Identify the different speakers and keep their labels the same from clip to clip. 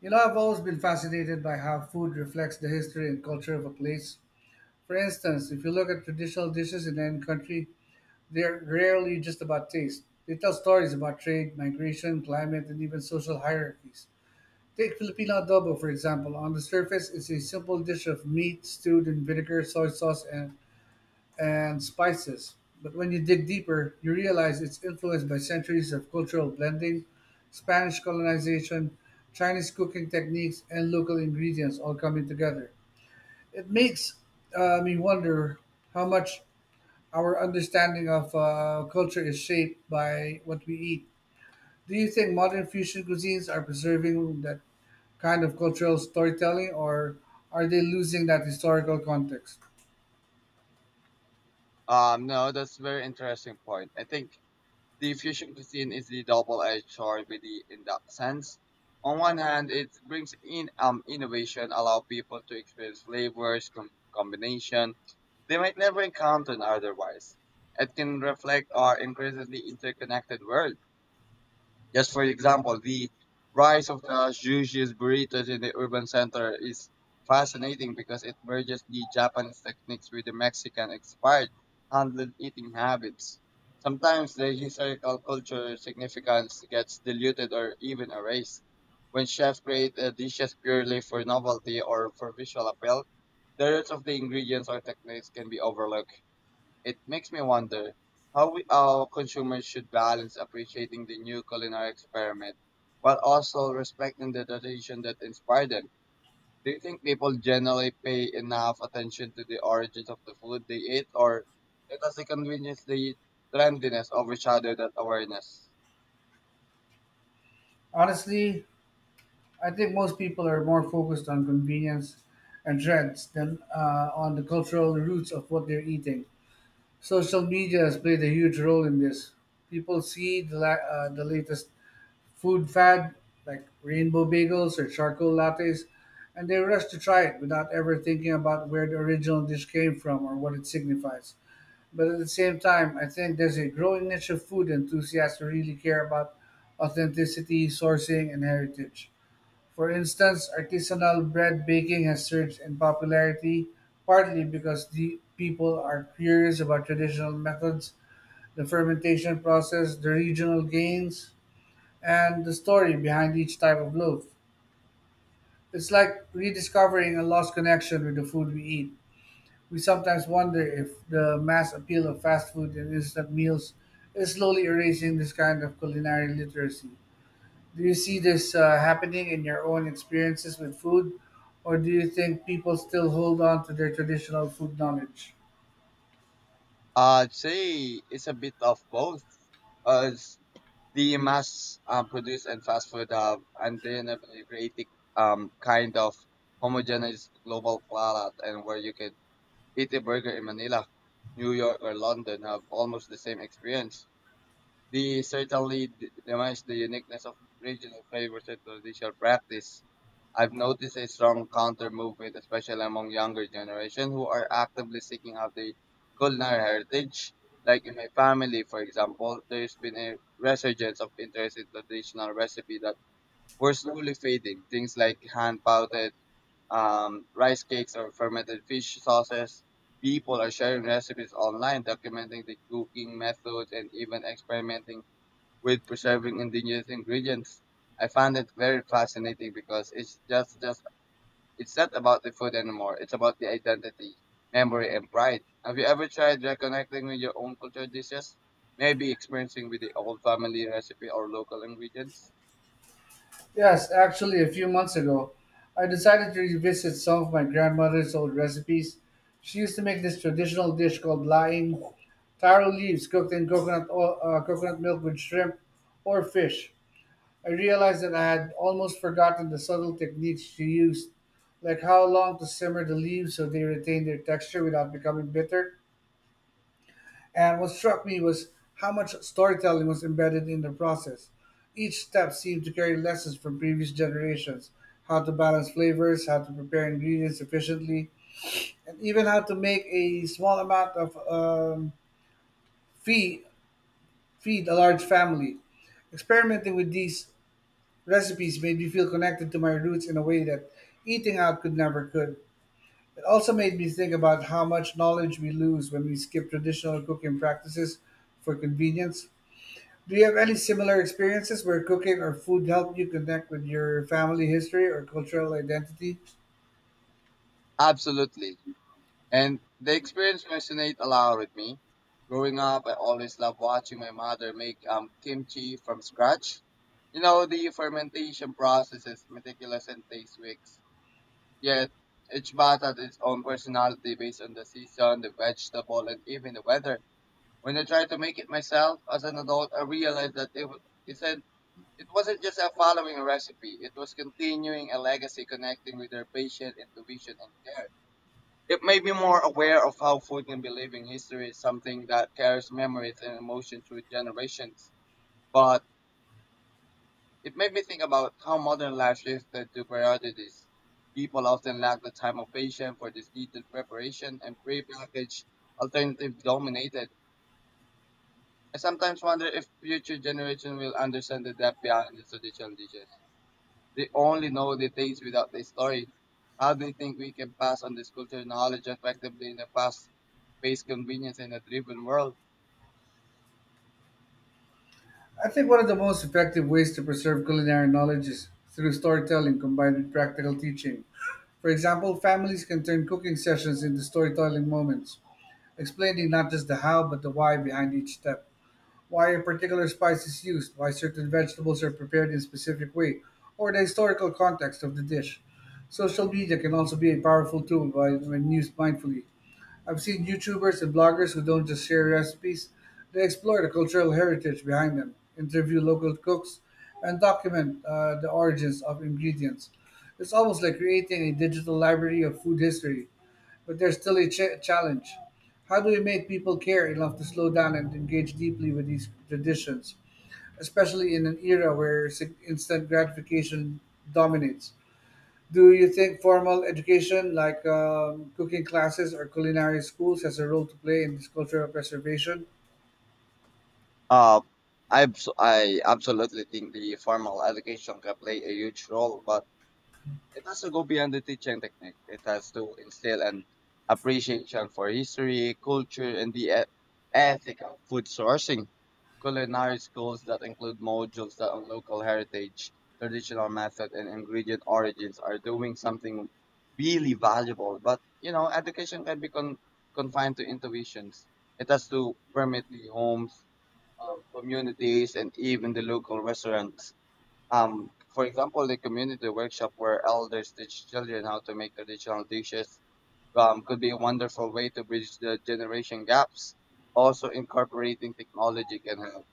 Speaker 1: You know, I've always been fascinated by how food reflects the history and culture of a place. For instance, if you look at traditional dishes in any country, they're rarely just about taste. They tell stories about trade, migration, climate, and even social hierarchies. Take Filipino adobo, for example. On the surface, it's a simple dish of meat stewed in vinegar, soy sauce, and spices. But when you dig deeper, you realize it's influenced by centuries of cultural blending, Spanish colonization, Chinese cooking techniques, and local ingredients all coming together. It makes me wonder how much our understanding of culture is shaped by what we eat. Do you think modern fusion cuisines are preserving that kind of cultural storytelling, or are they losing that historical context?
Speaker 2: No, that's a very interesting point. I think the fusion cuisine is the double-edged sword with in that sense. On one hand, it brings in innovation, allow people to experience flavors, combination they might never encounter otherwise. It can reflect our increasingly interconnected world. Just for example, the rise of the sushi burritos in the urban center is fascinating because it merges the Japanese techniques with the Mexican expired handled eating habits. Sometimes the historical cultural significance gets diluted or even erased. When chefs create dishes purely for novelty or for visual appeal, the roots of the ingredients or techniques can be overlooked. It makes me wonder how our consumers should balance appreciating the new culinary experiment while also respecting the tradition that inspired them. Do you think people generally pay enough attention to the origins of the food they eat, or it does the convenience, the trendiness overshadow that awareness?
Speaker 1: Honestly, I think most people are more focused on convenience and trends than on the cultural roots of what they're eating. Social media has played a huge role in this. People see the latest food fad, like rainbow bagels or charcoal lattes, and they rush to try it without ever thinking about where the original dish came from or what it signifies. But at the same time, I think there's a growing niche of food enthusiasts who really care about authenticity, sourcing, and heritage. For instance, artisanal bread baking has surged in popularity partly because the people are curious about traditional methods, the fermentation process, the regional gains, and the story behind each type of loaf. It's like rediscovering a lost connection with the food we eat. We sometimes wonder if the mass appeal of fast food and instant meals is slowly erasing this kind of culinary literacy. Do you see this happening in your own experiences with food, or do you think people still hold on to their traditional food knowledge?
Speaker 2: I'd say it's a bit of both. As the mass produced and fast food undeniably created kind of homogeneous global palate and where you could eat a burger in Manila, New York, or London have almost the same experience. They certainly demise the uniqueness of regional flavors and traditional practice. I've noticed a strong counter movement, especially among younger generation who are actively seeking out their culinary heritage. Like in my family, for example, there's been a resurgence of interest in traditional recipe that were slowly fading. Things like hand pouted rice cakes or fermented fish sauces. People are sharing recipes online, documenting the cooking methods and even experimenting with preserving indigenous ingredients. I found it very fascinating because it's just it's not about the food anymore. It's about the identity, memory, and pride. Have you ever tried reconnecting with your own culture dishes? Maybe experiencing with the old family recipe or local ingredients?
Speaker 1: Yes, actually, a few months ago, I decided to revisit some of my grandmother's old recipes. She used to make this traditional dish called laing, taro leaves cooked in coconut oil, coconut milk with shrimp or fish. I realized that I had almost forgotten the subtle techniques she used, like how long to simmer the leaves so they retain their texture without becoming bitter. And what struck me was how much storytelling was embedded in the process. Each step seemed to carry lessons from previous generations: how to balance flavors, how to prepare ingredients efficiently, and even how to make a small amount of feed, feed a large family. Experimenting with these recipes made me feel connected to my roots in a way that eating out could never could. It also made me think about how much knowledge we lose when we skip traditional cooking practices for convenience. Do you have any similar experiences where cooking or food helped you connect with your family history or cultural identity?
Speaker 2: Absolutely. And the experience resonates a lot with me. Growing up, I always loved watching my mother make kimchi from scratch. You know, the fermentation process is meticulous and takes weeks. Yet each bath has its own personality based on the season, the vegetable, and even the weather. When I tried to make it myself as an adult, I realized that it said it wasn't just a following a recipe. It was continuing a legacy connecting with their patient intuition and care. It made me more aware of how food can be living history, something that carries memories and emotion through generations. But it made me think about how modern life shifted to priorities. People often lack the time or patience for this detailed preparation and pre-packaged alternative dominated. I sometimes wonder if future generations will understand the depth behind the traditional dishes. They only know the taste without the story. How do you think we can pass on this cultural knowledge effectively in a fast-paced convenience and a driven world?
Speaker 1: I think one of the most effective ways to preserve culinary knowledge is through storytelling combined with practical teaching. For example, families can turn cooking sessions into storytelling moments, explaining not just the how but the why behind each step: why a particular spice is used, why certain vegetables are prepared in a specific way, or the historical context of the dish. Social media can also be a powerful tool when used mindfully. I've seen YouTubers and bloggers who don't just share recipes, they explore the cultural heritage behind them, interview local cooks, and document the origins of ingredients. It's almost like creating a digital library of food history, but there's still a challenge. How do we make people care enough to slow down and engage deeply with these traditions, especially in an era where instant gratification dominates? Do you think formal education, like cooking classes or culinary schools, has a role to play in this cultural preservation?
Speaker 2: Uh, I absolutely think the formal education can play a huge role, but it has to go beyond the teaching technique. It has to instill an appreciation for history, culture, and the ethic of food sourcing. Culinary schools that include modules that on local heritage, traditional method, and ingredient origins are doing something really valuable. But you know, education can be confined to intuitions. It has to permit the homes, communities, and even the local restaurants. For example, the community workshop where elders teach children how to make traditional dishes could be a wonderful way to bridge the generation gaps. Also, incorporating technology can help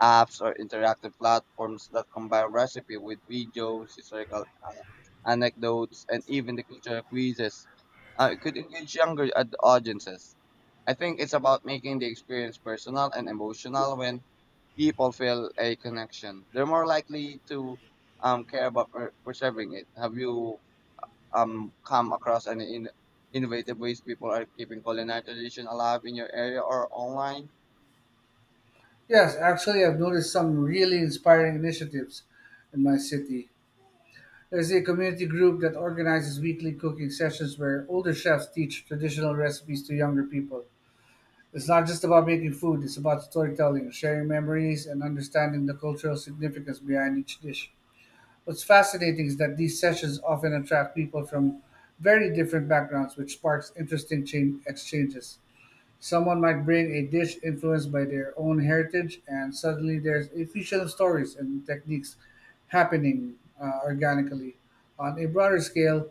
Speaker 2: apps or interactive platforms that combine recipe with videos, historical anecdotes, and even the cultural quizzes. It could engage younger audiences. I think it's about making the experience personal and emotional when people feel a connection. They're more likely to care about preserving it. Have you come across any innovative ways people are keeping culinary tradition alive in your area or online?
Speaker 1: Yes, actually, I've noticed some really inspiring initiatives in my city. There's a community group that organizes weekly cooking sessions where older chefs teach traditional recipes to younger people. It's not just about making food, it's about storytelling, sharing memories, and understanding the cultural significance behind each dish. What's fascinating is that these sessions often attract people from very different backgrounds, which sparks interesting chain exchanges. Someone might bring a dish influenced by their own heritage, and suddenly there's a fusion of stories and techniques happening organically. On a broader scale,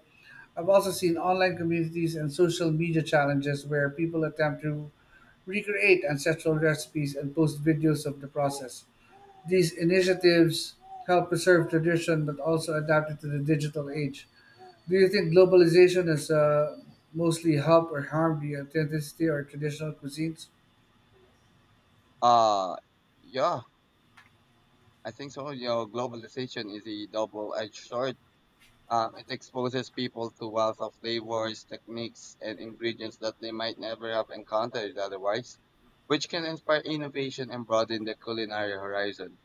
Speaker 1: I've also seen online communities and social media challenges where people attempt to recreate ancestral recipes and post videos of the process. These initiatives help preserve tradition but also adapt it to the digital age. Do you think globalization has mostly helped or harmed the authenticity or traditional cuisines?
Speaker 2: Uh, yeah. I think so. Your globalization is a double-edged sword. It exposes people to wealth of flavors, techniques, and ingredients that they might never have encountered otherwise, which can inspire innovation and broaden the culinary horizon.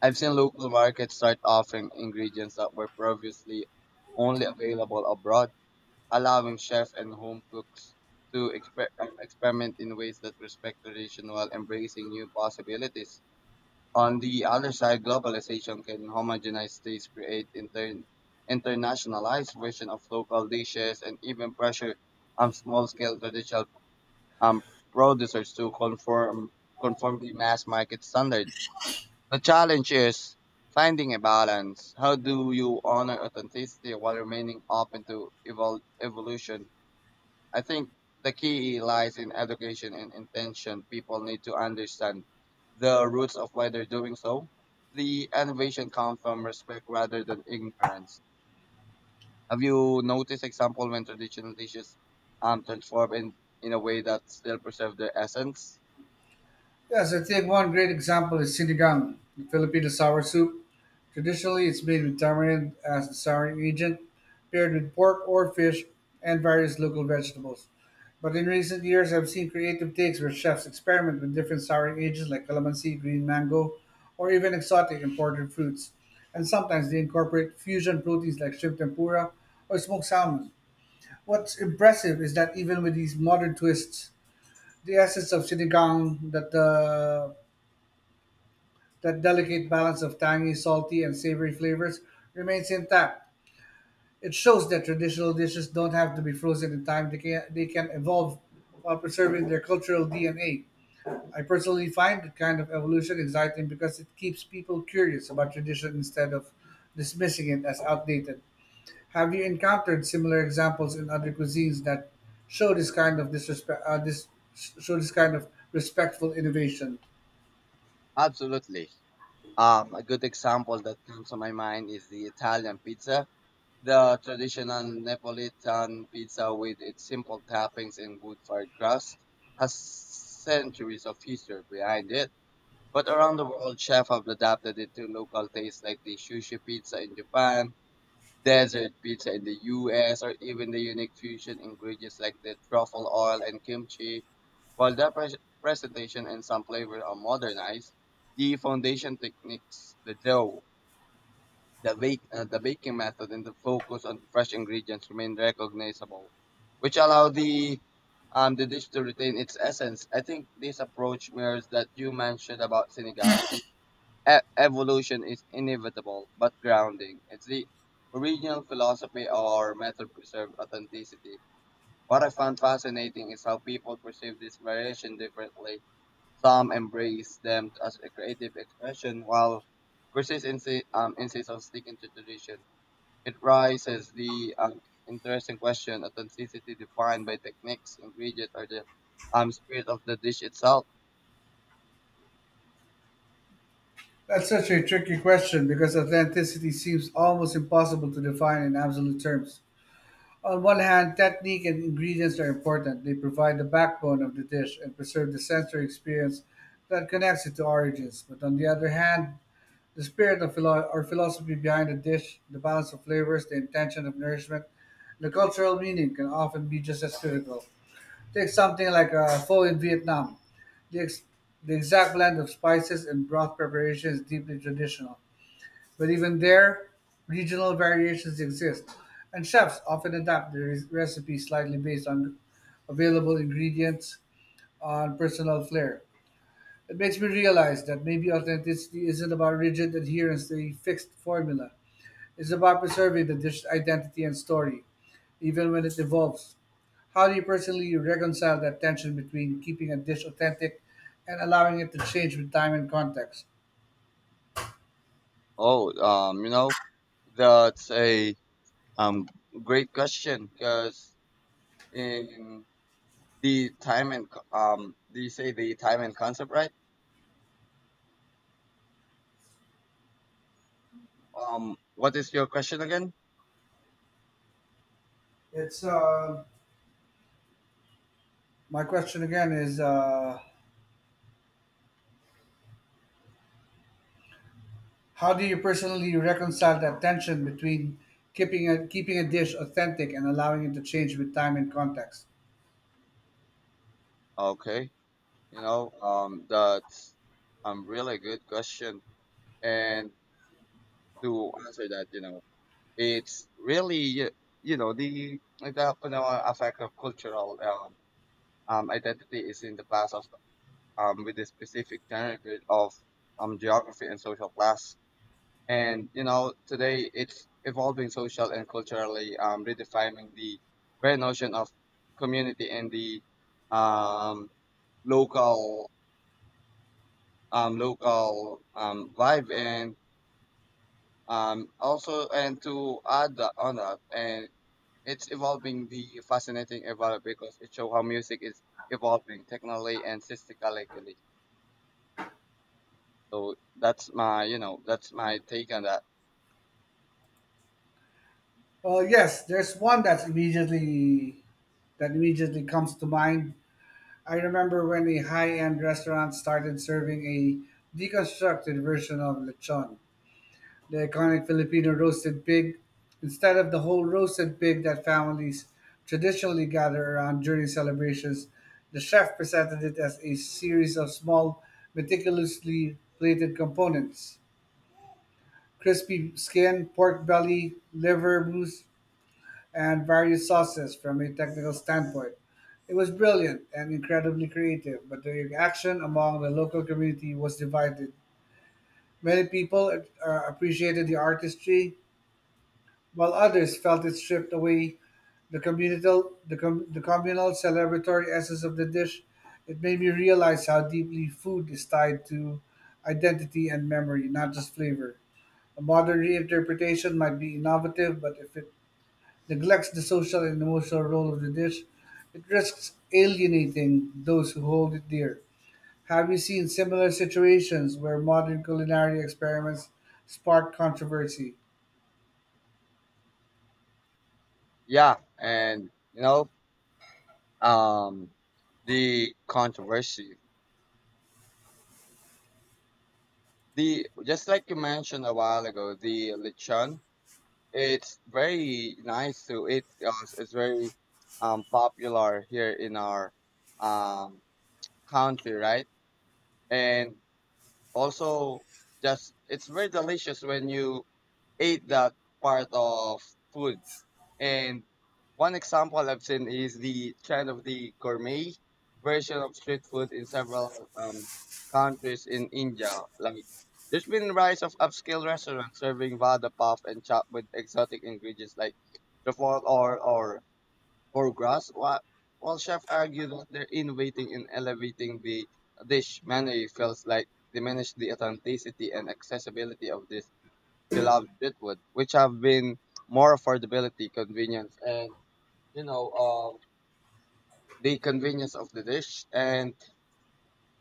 Speaker 2: I've seen local markets start offering ingredients that were previously only available abroad, allowing chefs and home cooks to experiment in ways that respect tradition while embracing new possibilities. On the other side, globalization can homogenize tastes, create internationalized version of local dishes, and even pressure small-scale traditional um, producers to conform the mass market standard. The challenge is finding a balance. How do you honor authenticity while remaining open to evolution? I think the key lies in education and intention. People need to understand the roots of why they're doing so. The innovation comes from respect rather than ignorance. Have you noticed example when traditional dishes transform in a way that still preserve their essence?
Speaker 1: Yes, I think one great example is sinigang, the Filipino sour soup. Traditionally, it's made with tamarind as the souring agent, paired with pork or fish and various local vegetables. But in recent years, I've seen creative takes where chefs experiment with different souring agents like calamansi, green mango, or even exotic imported fruits. And sometimes they incorporate fusion proteins like shrimp tempura or smoked salmon. What's impressive is that even with these modern twists, the essence of sinigang, that delicate balance of tangy, salty, and savory flavors remains intact. It shows that traditional dishes don't have to be frozen in time; they can evolve while preserving their cultural DNA. I personally find that kind of evolution exciting because it keeps people curious about tradition instead of dismissing it as outdated. Have you encountered similar examples in other cuisines that show this kind of disrespect, uh, this show this kind of respectful innovation?
Speaker 2: Absolutely. A good example that comes to my mind is the Italian pizza. The traditional Neapolitan pizza with its simple toppings and good fried crust has centuries of history behind it. But around the world, chefs have adapted it to local tastes like the sushi pizza in Japan, desert pizza in the US, or even the unique fusion ingredients like the truffle oil and kimchi. While the presentation and some flavors are modernized, the foundation techniques, the dough, the baking method and the focus on fresh ingredients remain recognizable, which allow the dish to retain its essence. I think this approach mirrors that you mentioned about sinigang. Evolution is inevitable, but grounding. It's the original philosophy or method preserve authenticity. What I found fascinating is how people perceive this variation differently. Some embrace them as a creative expression, while persists insist on sticking to tradition. It raises the interesting question: authenticity defined by techniques, ingredients, or the spirit of the dish itself.
Speaker 1: That's such a tricky question because authenticity seems almost impossible to define in absolute terms. On one hand, technique and ingredients are important. They provide the backbone of the dish and preserve the sensory experience that connects it to origins. But on the other hand, the spirit or philosophy behind a dish, the balance of flavors, the intention of nourishment, and the cultural meaning can often be just as critical. Take something like a pho in Vietnam. The, ex- the exact blend of spices and broth preparation is deeply traditional, but even there, regional variations exist, and chefs often adapt their recipe slightly based on available ingredients on personal flair. It makes me realize that maybe authenticity isn't about rigid adherence to a fixed formula. It's about preserving the dish's identity and story, even when it evolves. How do you personally reconcile that tension between keeping a dish authentic and allowing it to change with time and context?
Speaker 2: Oh, um, you know, that's a um great question because in the time and do you say the time and concept, right? What is your question again?
Speaker 1: It's my question again is how do you personally reconcile that tension between keeping a dish authentic and allowing it to change with time and context?
Speaker 2: Okay, that's really good question, and to answer that, it's really effect of cultural identity is in the class of with the specific genre grid of geography and social class and you know today it's evolving social and culturally redefining the very notion of community and the um, local local vibe and also and to add on that and it's evolving the fascinating about it because it shows how music is evolving technically and systematically. So that's my, that's my take on that.
Speaker 1: Yes, there's one that's immediately that immediately comes to mind. I remember when a high-end restaurant started serving a deconstructed version of lechon, the iconic Filipino roasted pig, instead of the whole roasted pig that families traditionally gather around during celebrations. The chef presented it as a series of small, meticulously plated components: crispy skin, pork belly, liver, mousse, and various sauces from a technical standpoint. It was brilliant and incredibly creative, but the reaction among the local community was divided. Many people appreciated the artistry, while others felt it stripped away the communal celebratory essence of the dish. It made me realize how deeply food is tied to identity and memory, not just flavor. A modern reinterpretation might be innovative, but if it neglects the social and emotional role of the dish, it risks alienating those who hold it dear. Have you seen similar situations where modern culinary experiments spark controversy?
Speaker 2: Yeah, and um, the controversy, the just like you mentioned a while ago, the lechon. It's very nice to it. It's very popular here in our um country, right? And also, just it's very delicious when you eat that part of food. And one example I've seen is the trend of the gourmet version of street food in several countries in India. Like there's been rise of upscale restaurants serving vada puff and chop with exotic ingredients like truffle or grass, while chefs argue that their innovating and elevating the dish menu feels like diminish the authenticity and accessibility of this beloved street food, which have been more affordability, convenience, and you know, um, the convenience of the dish, and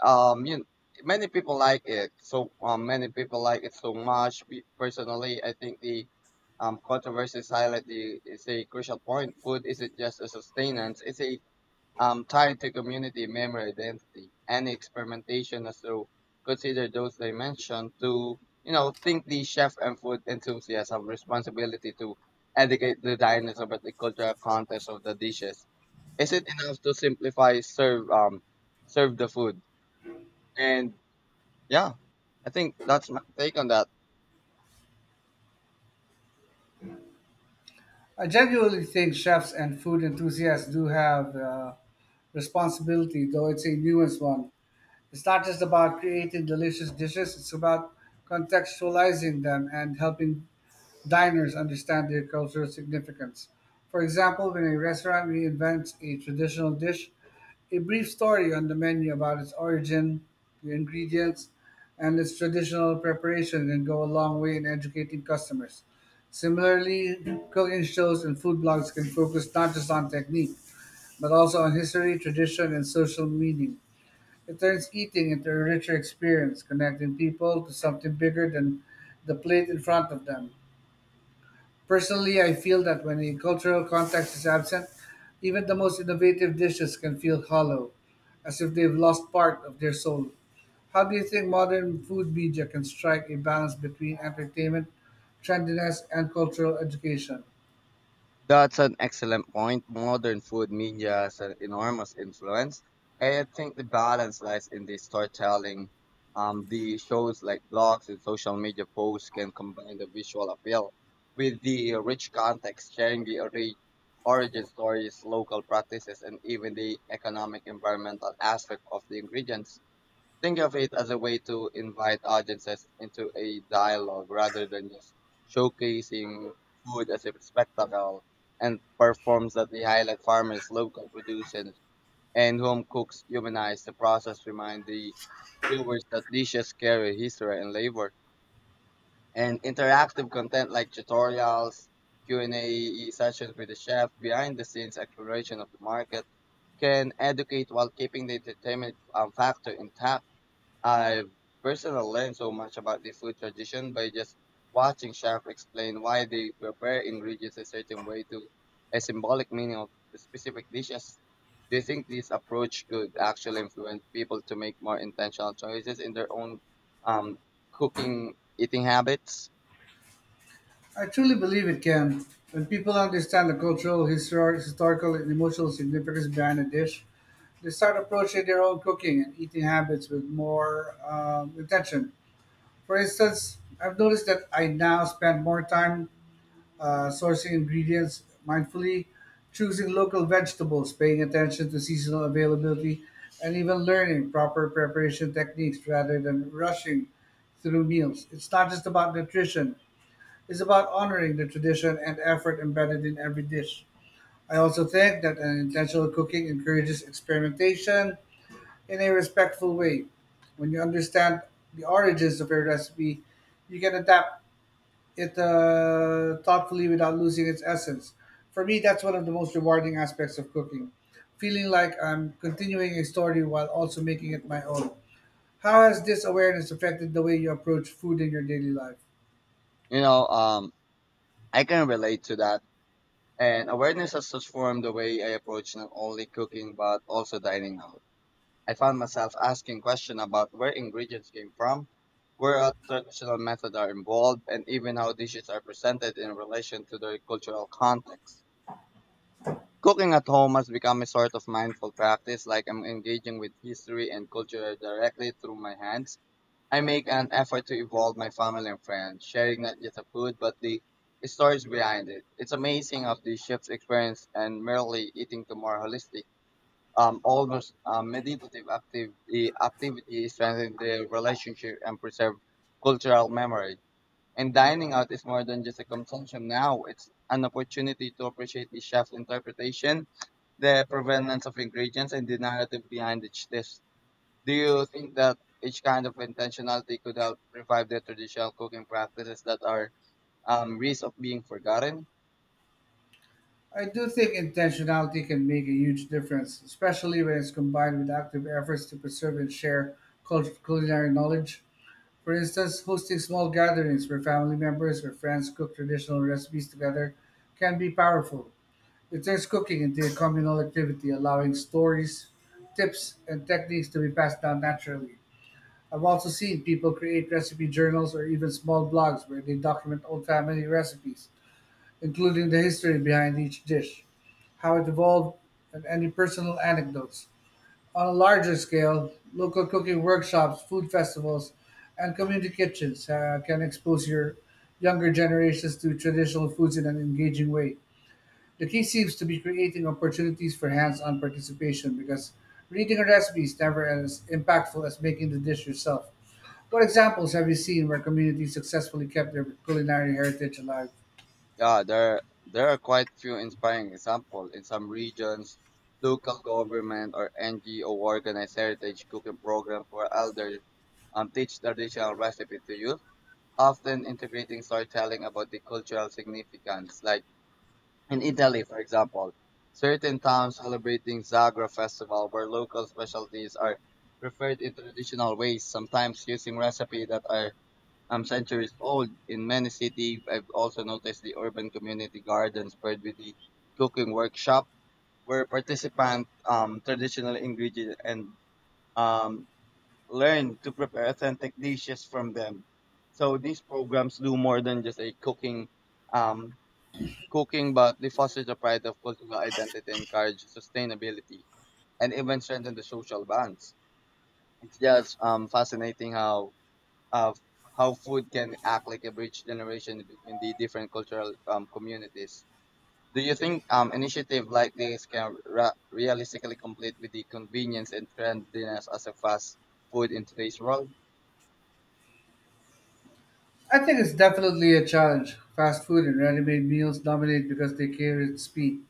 Speaker 2: you many people like it. So many people like it so much. Personally, I think the controversy highlight is a crucial point. Food isn't just a sustenance; it's a tied to community memory identity. Any experimentation is to consider those dimensions to, you know, think the chef and food enthusiasts have responsibility to educate the diners about the cultural context of the dishes. Is it enough to simplify serve the food? And yeah, I think that's my take on that.
Speaker 1: I genuinely think chefs and food enthusiasts do have responsibility, though it's a nuanced one. It's not just about creating delicious dishes, it's about contextualizing them and helping diners understand their cultural significance. For example, when a restaurant reinvents a traditional dish, a brief story on the menu about its origin, the ingredients, and its traditional preparation can go a long way in educating customers. Similarly, cooking shows and food blogs can focus not just on technique, but also on history, tradition, and social meaning. It turns eating into a richer experience, connecting people to something bigger than the plate in front of them. Personally, I feel that when a cultural context is absent, even the most innovative dishes can feel hollow, as if they've lost part of their soul. How do you think modern food media can strike a balance between entertainment, trendiness, and cultural education?
Speaker 2: That's an excellent point. Modern food media has an enormous influence. And I think the balance lies in the storytelling. The shows like blogs and social media posts can combine the visual appeal with the rich context, sharing the origin stories, local practices, and even the economic environmental aspect of the ingredients. Think of it as a way to invite audiences into a dialogue rather than just showcasing food as a spectacle and performs that the highlight farmers, local producers, and home cooks humanize the process, remind the viewers that dishes carry history and labor. And interactive content like tutorials, Q&A sessions with the chef, behind the scenes exploration of the market can educate while keeping the entertainment factor intact. I personally learned so much about the food tradition by just watching chefs explain why they prepare ingredients a certain way to a symbolic meaning of the specific dishes. Do you think this approach could actually influence people to make more intentional choices in their own um, cooking eating habits?
Speaker 1: I truly believe it can. When people understand the cultural, historical, and emotional significance behind a dish, they start approaching their own cooking and eating habits with more attention. For instance, I've noticed that I now spend more time sourcing ingredients mindfully, choosing local vegetables, paying attention to seasonal availability, and even learning proper preparation techniques rather than rushing through meals. It's not just about nutrition, it's about honoring the tradition and effort embedded in every dish. I also think that an intentional cooking encourages experimentation in a respectful way. When you understand the origins of a recipe, you can adapt it thoughtfully without losing its essence. For me, that's one of the most rewarding aspects of cooking, feeling like I'm continuing a story while also making it my own. How has this awareness affected the way you approach food in your daily life?
Speaker 2: You know, um, I can relate to that. And awareness has transformed the way I approach not only cooking but also dining out. I found myself asking questions about where ingredients came from, where our traditional methods are involved, and even how dishes are presented in relation to their cultural context. Cooking at home has become a sort of mindful practice, like I'm engaging with history and culture directly through my hands. I make an effort to involve my family and friends, sharing not just the food, but the stories behind it. It's amazing how the chef's experience and merely eating to more holistic, almost meditative active, activity strengthens the relationship and preserve cultural memory. And dining out is more than just a consumption now. It's an opportunity to appreciate the chef's interpretation, the provenance of ingredients, and the narrative behind each dish. Do you think that each kind of intentionality could help revive the traditional cooking practices that are risk of being forgotten?
Speaker 1: I do think intentionality can make a huge difference, especially when it's combined with active efforts to preserve and share culinary knowledge. For instance, hosting small gatherings where family members or friends cook traditional recipes together can be powerful. It turns cooking into a communal activity, allowing stories, tips, and techniques to be passed down naturally. I've also seen people create recipe journals or even small blogs where they document old family recipes including the history behind each dish, how it evolved, and any personal anecdotes. On a larger scale, local cooking workshops, food festivals, and community kitchens can expose your younger generations to traditional foods in an engaging way. The key seems to be creating opportunities for hands on participation because reading a recipe is never as impactful as making the dish yourself. What examples have you seen where communities successfully kept their culinary heritage alive?
Speaker 2: Yeah, there are quite few inspiring examples in some regions. Local government or NGO organize heritage cooking programs for elders and teach traditional recipes to youth, often integrating storytelling about the cultural significance. Like in Italy, for example, certain towns celebrating Zagra festival where local specialties are preferred in traditional ways, sometimes using recipes that are centuries old. In many cities, I've also noticed the urban community gardens paired with the cooking workshop where participants traditional ingredients and um, learn to prepare authentic dishes from them. So these programs do more than just a um, cooking, but they foster the pride of cultural identity, encourage sustainability, and even strengthen the social bonds. It's just fascinating of how food can act like a bridge generation between the different cultural communities. Do you think initiative like this can realistically compete with the convenience and trendiness as a fast food in today's world?
Speaker 1: I think it's definitely a challenge. Fast food and ready-made meals dominate because they carry its speed,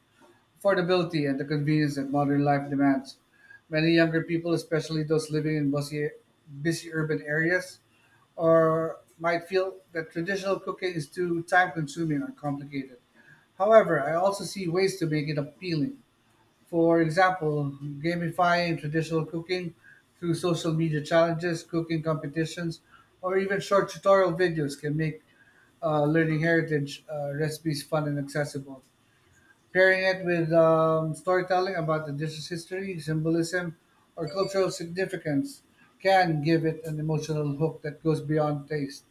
Speaker 1: affordability, and the convenience that modern life demands. Many younger people, especially those living in busy urban areas, or might feel that traditional cooking is too time-consuming or complicated. However, I also see ways to make it appealing. For example, gamifying traditional cooking through social media challenges, cooking competitions, or even short tutorial videos can make learning heritage recipes fun and accessible. Pairing it with storytelling about the dish's history, symbolism, or cultural significance can give it an emotional hook that goes beyond taste.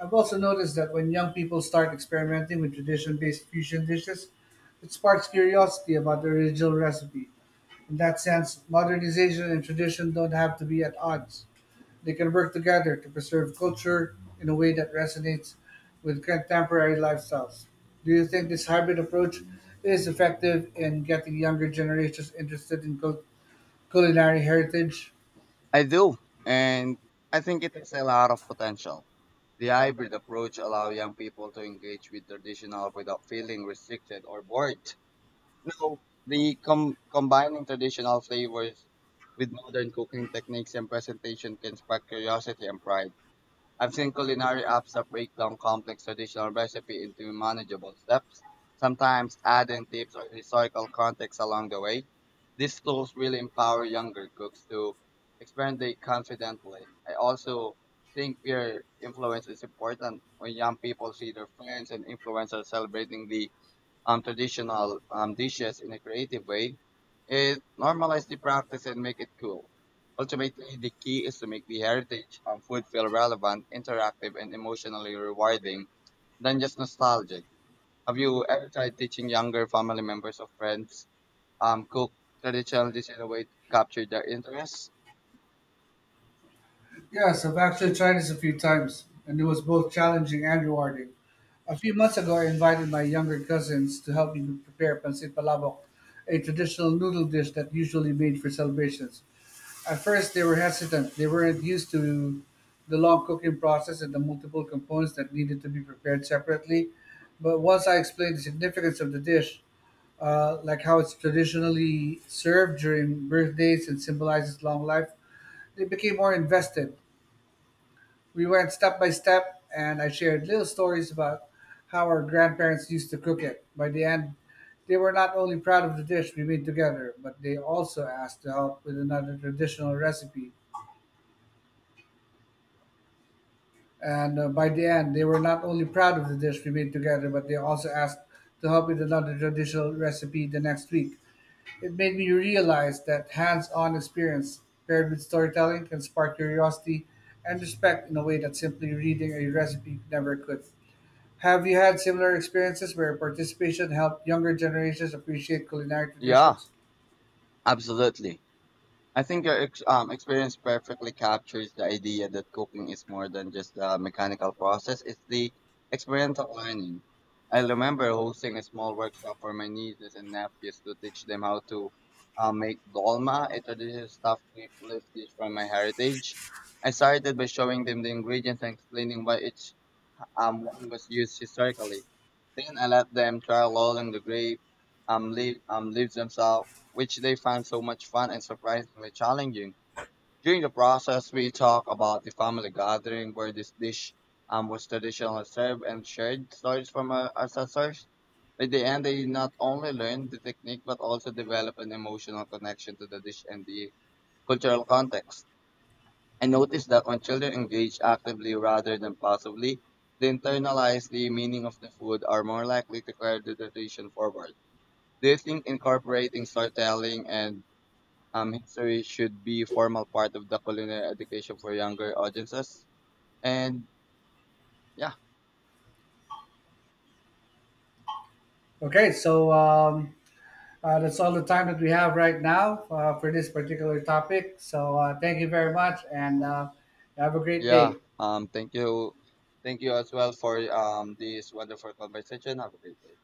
Speaker 1: I've also noticed that when young people start experimenting with tradition based fusion dishes, it sparks curiosity about the original recipe in that sense, modernization and tradition don't have to be at odds. They can work together to preserve culture in a way that resonates with contemporary lifestyles. Do you think this hybrid approach is effective in getting younger generations interested in culinary heritage?
Speaker 2: I do, and I think it has a lot of potential. The hybrid approach allows young people to engage with traditional without feeling restricted or bored. No, the combining traditional flavors with modern cooking techniques and presentation can spark curiosity and pride. I've seen culinary apps that break down complex traditional recipe into manageable steps, sometimes adding tips or historical context along the way. These tools really empower younger cooks to experiment confidently. I also think peer influence is important when young people see their friends and influencers celebrating the traditional dishes in a creative way, it normalizes the practice and make it cool. Ultimately, the key is to make the heritage food feel relevant, interactive, and emotionally rewarding than just nostalgic. Have you ever tried teaching younger family members or friends cook traditional dishes in a way to capture their interest?
Speaker 1: Yes, I've actually tried this a few times, and it was both challenging and rewarding. A few months ago, I invited my younger cousins to help me prepare pancit palabok, a traditional noodle dish that usually made for celebrations. At first, they were hesitant. They weren't used to the long cooking process and the multiple components that needed to be prepared separately. But once I explained the significance of the dish, like how it's traditionally served during birthdays and symbolizes long life, they became more invested. We went step by step, and I shared little stories about how our grandparents used to cook it. By the end, they were not only proud of the dish we made together, but they also asked to help with another traditional recipe And By the end, they were not only proud of the dish we made together, but they also asked to help with another traditional recipe the next week. It made me realize that hands on experience paired with storytelling can spark curiosity and respect in a way that simply reading a recipe never could. Have you had similar experiences where participation helped younger generations appreciate culinary
Speaker 2: Yeah,
Speaker 1: traditions?
Speaker 2: absolutely. I think your experience perfectly captures the idea that cooking is more than just a mechanical process, it's the experiential learning. I remember hosting a small workshop for my nieces and nephews to teach them how to make dolma, a traditional stuffed leaf dish from my heritage. I started by showing them the ingredients and explaining why each wine was used historically. Then I let them try a lot in the grape, leaves themselves, which they found so much fun and surprisingly challenging. During the process, we talk about the family gathering where this dish was traditionally served and shared stories from our ancestors. By the end, they not only learned the technique but also developed an emotional connection to the dish and the cultural context. I noticed that when children engage actively rather than passively, they internalize the meaning of the food are more likely to carry the tradition forward. Do you think incorporating storytelling and history should be a formal part of the culinary education for younger audiences? And yeah,
Speaker 1: Okay, so um, that's all the time that we have right now for this particular topic. So thank you very much and have a great
Speaker 2: yeah.
Speaker 1: day.
Speaker 2: Thank you, thank you as well for this wonderful conversation. Have a great day.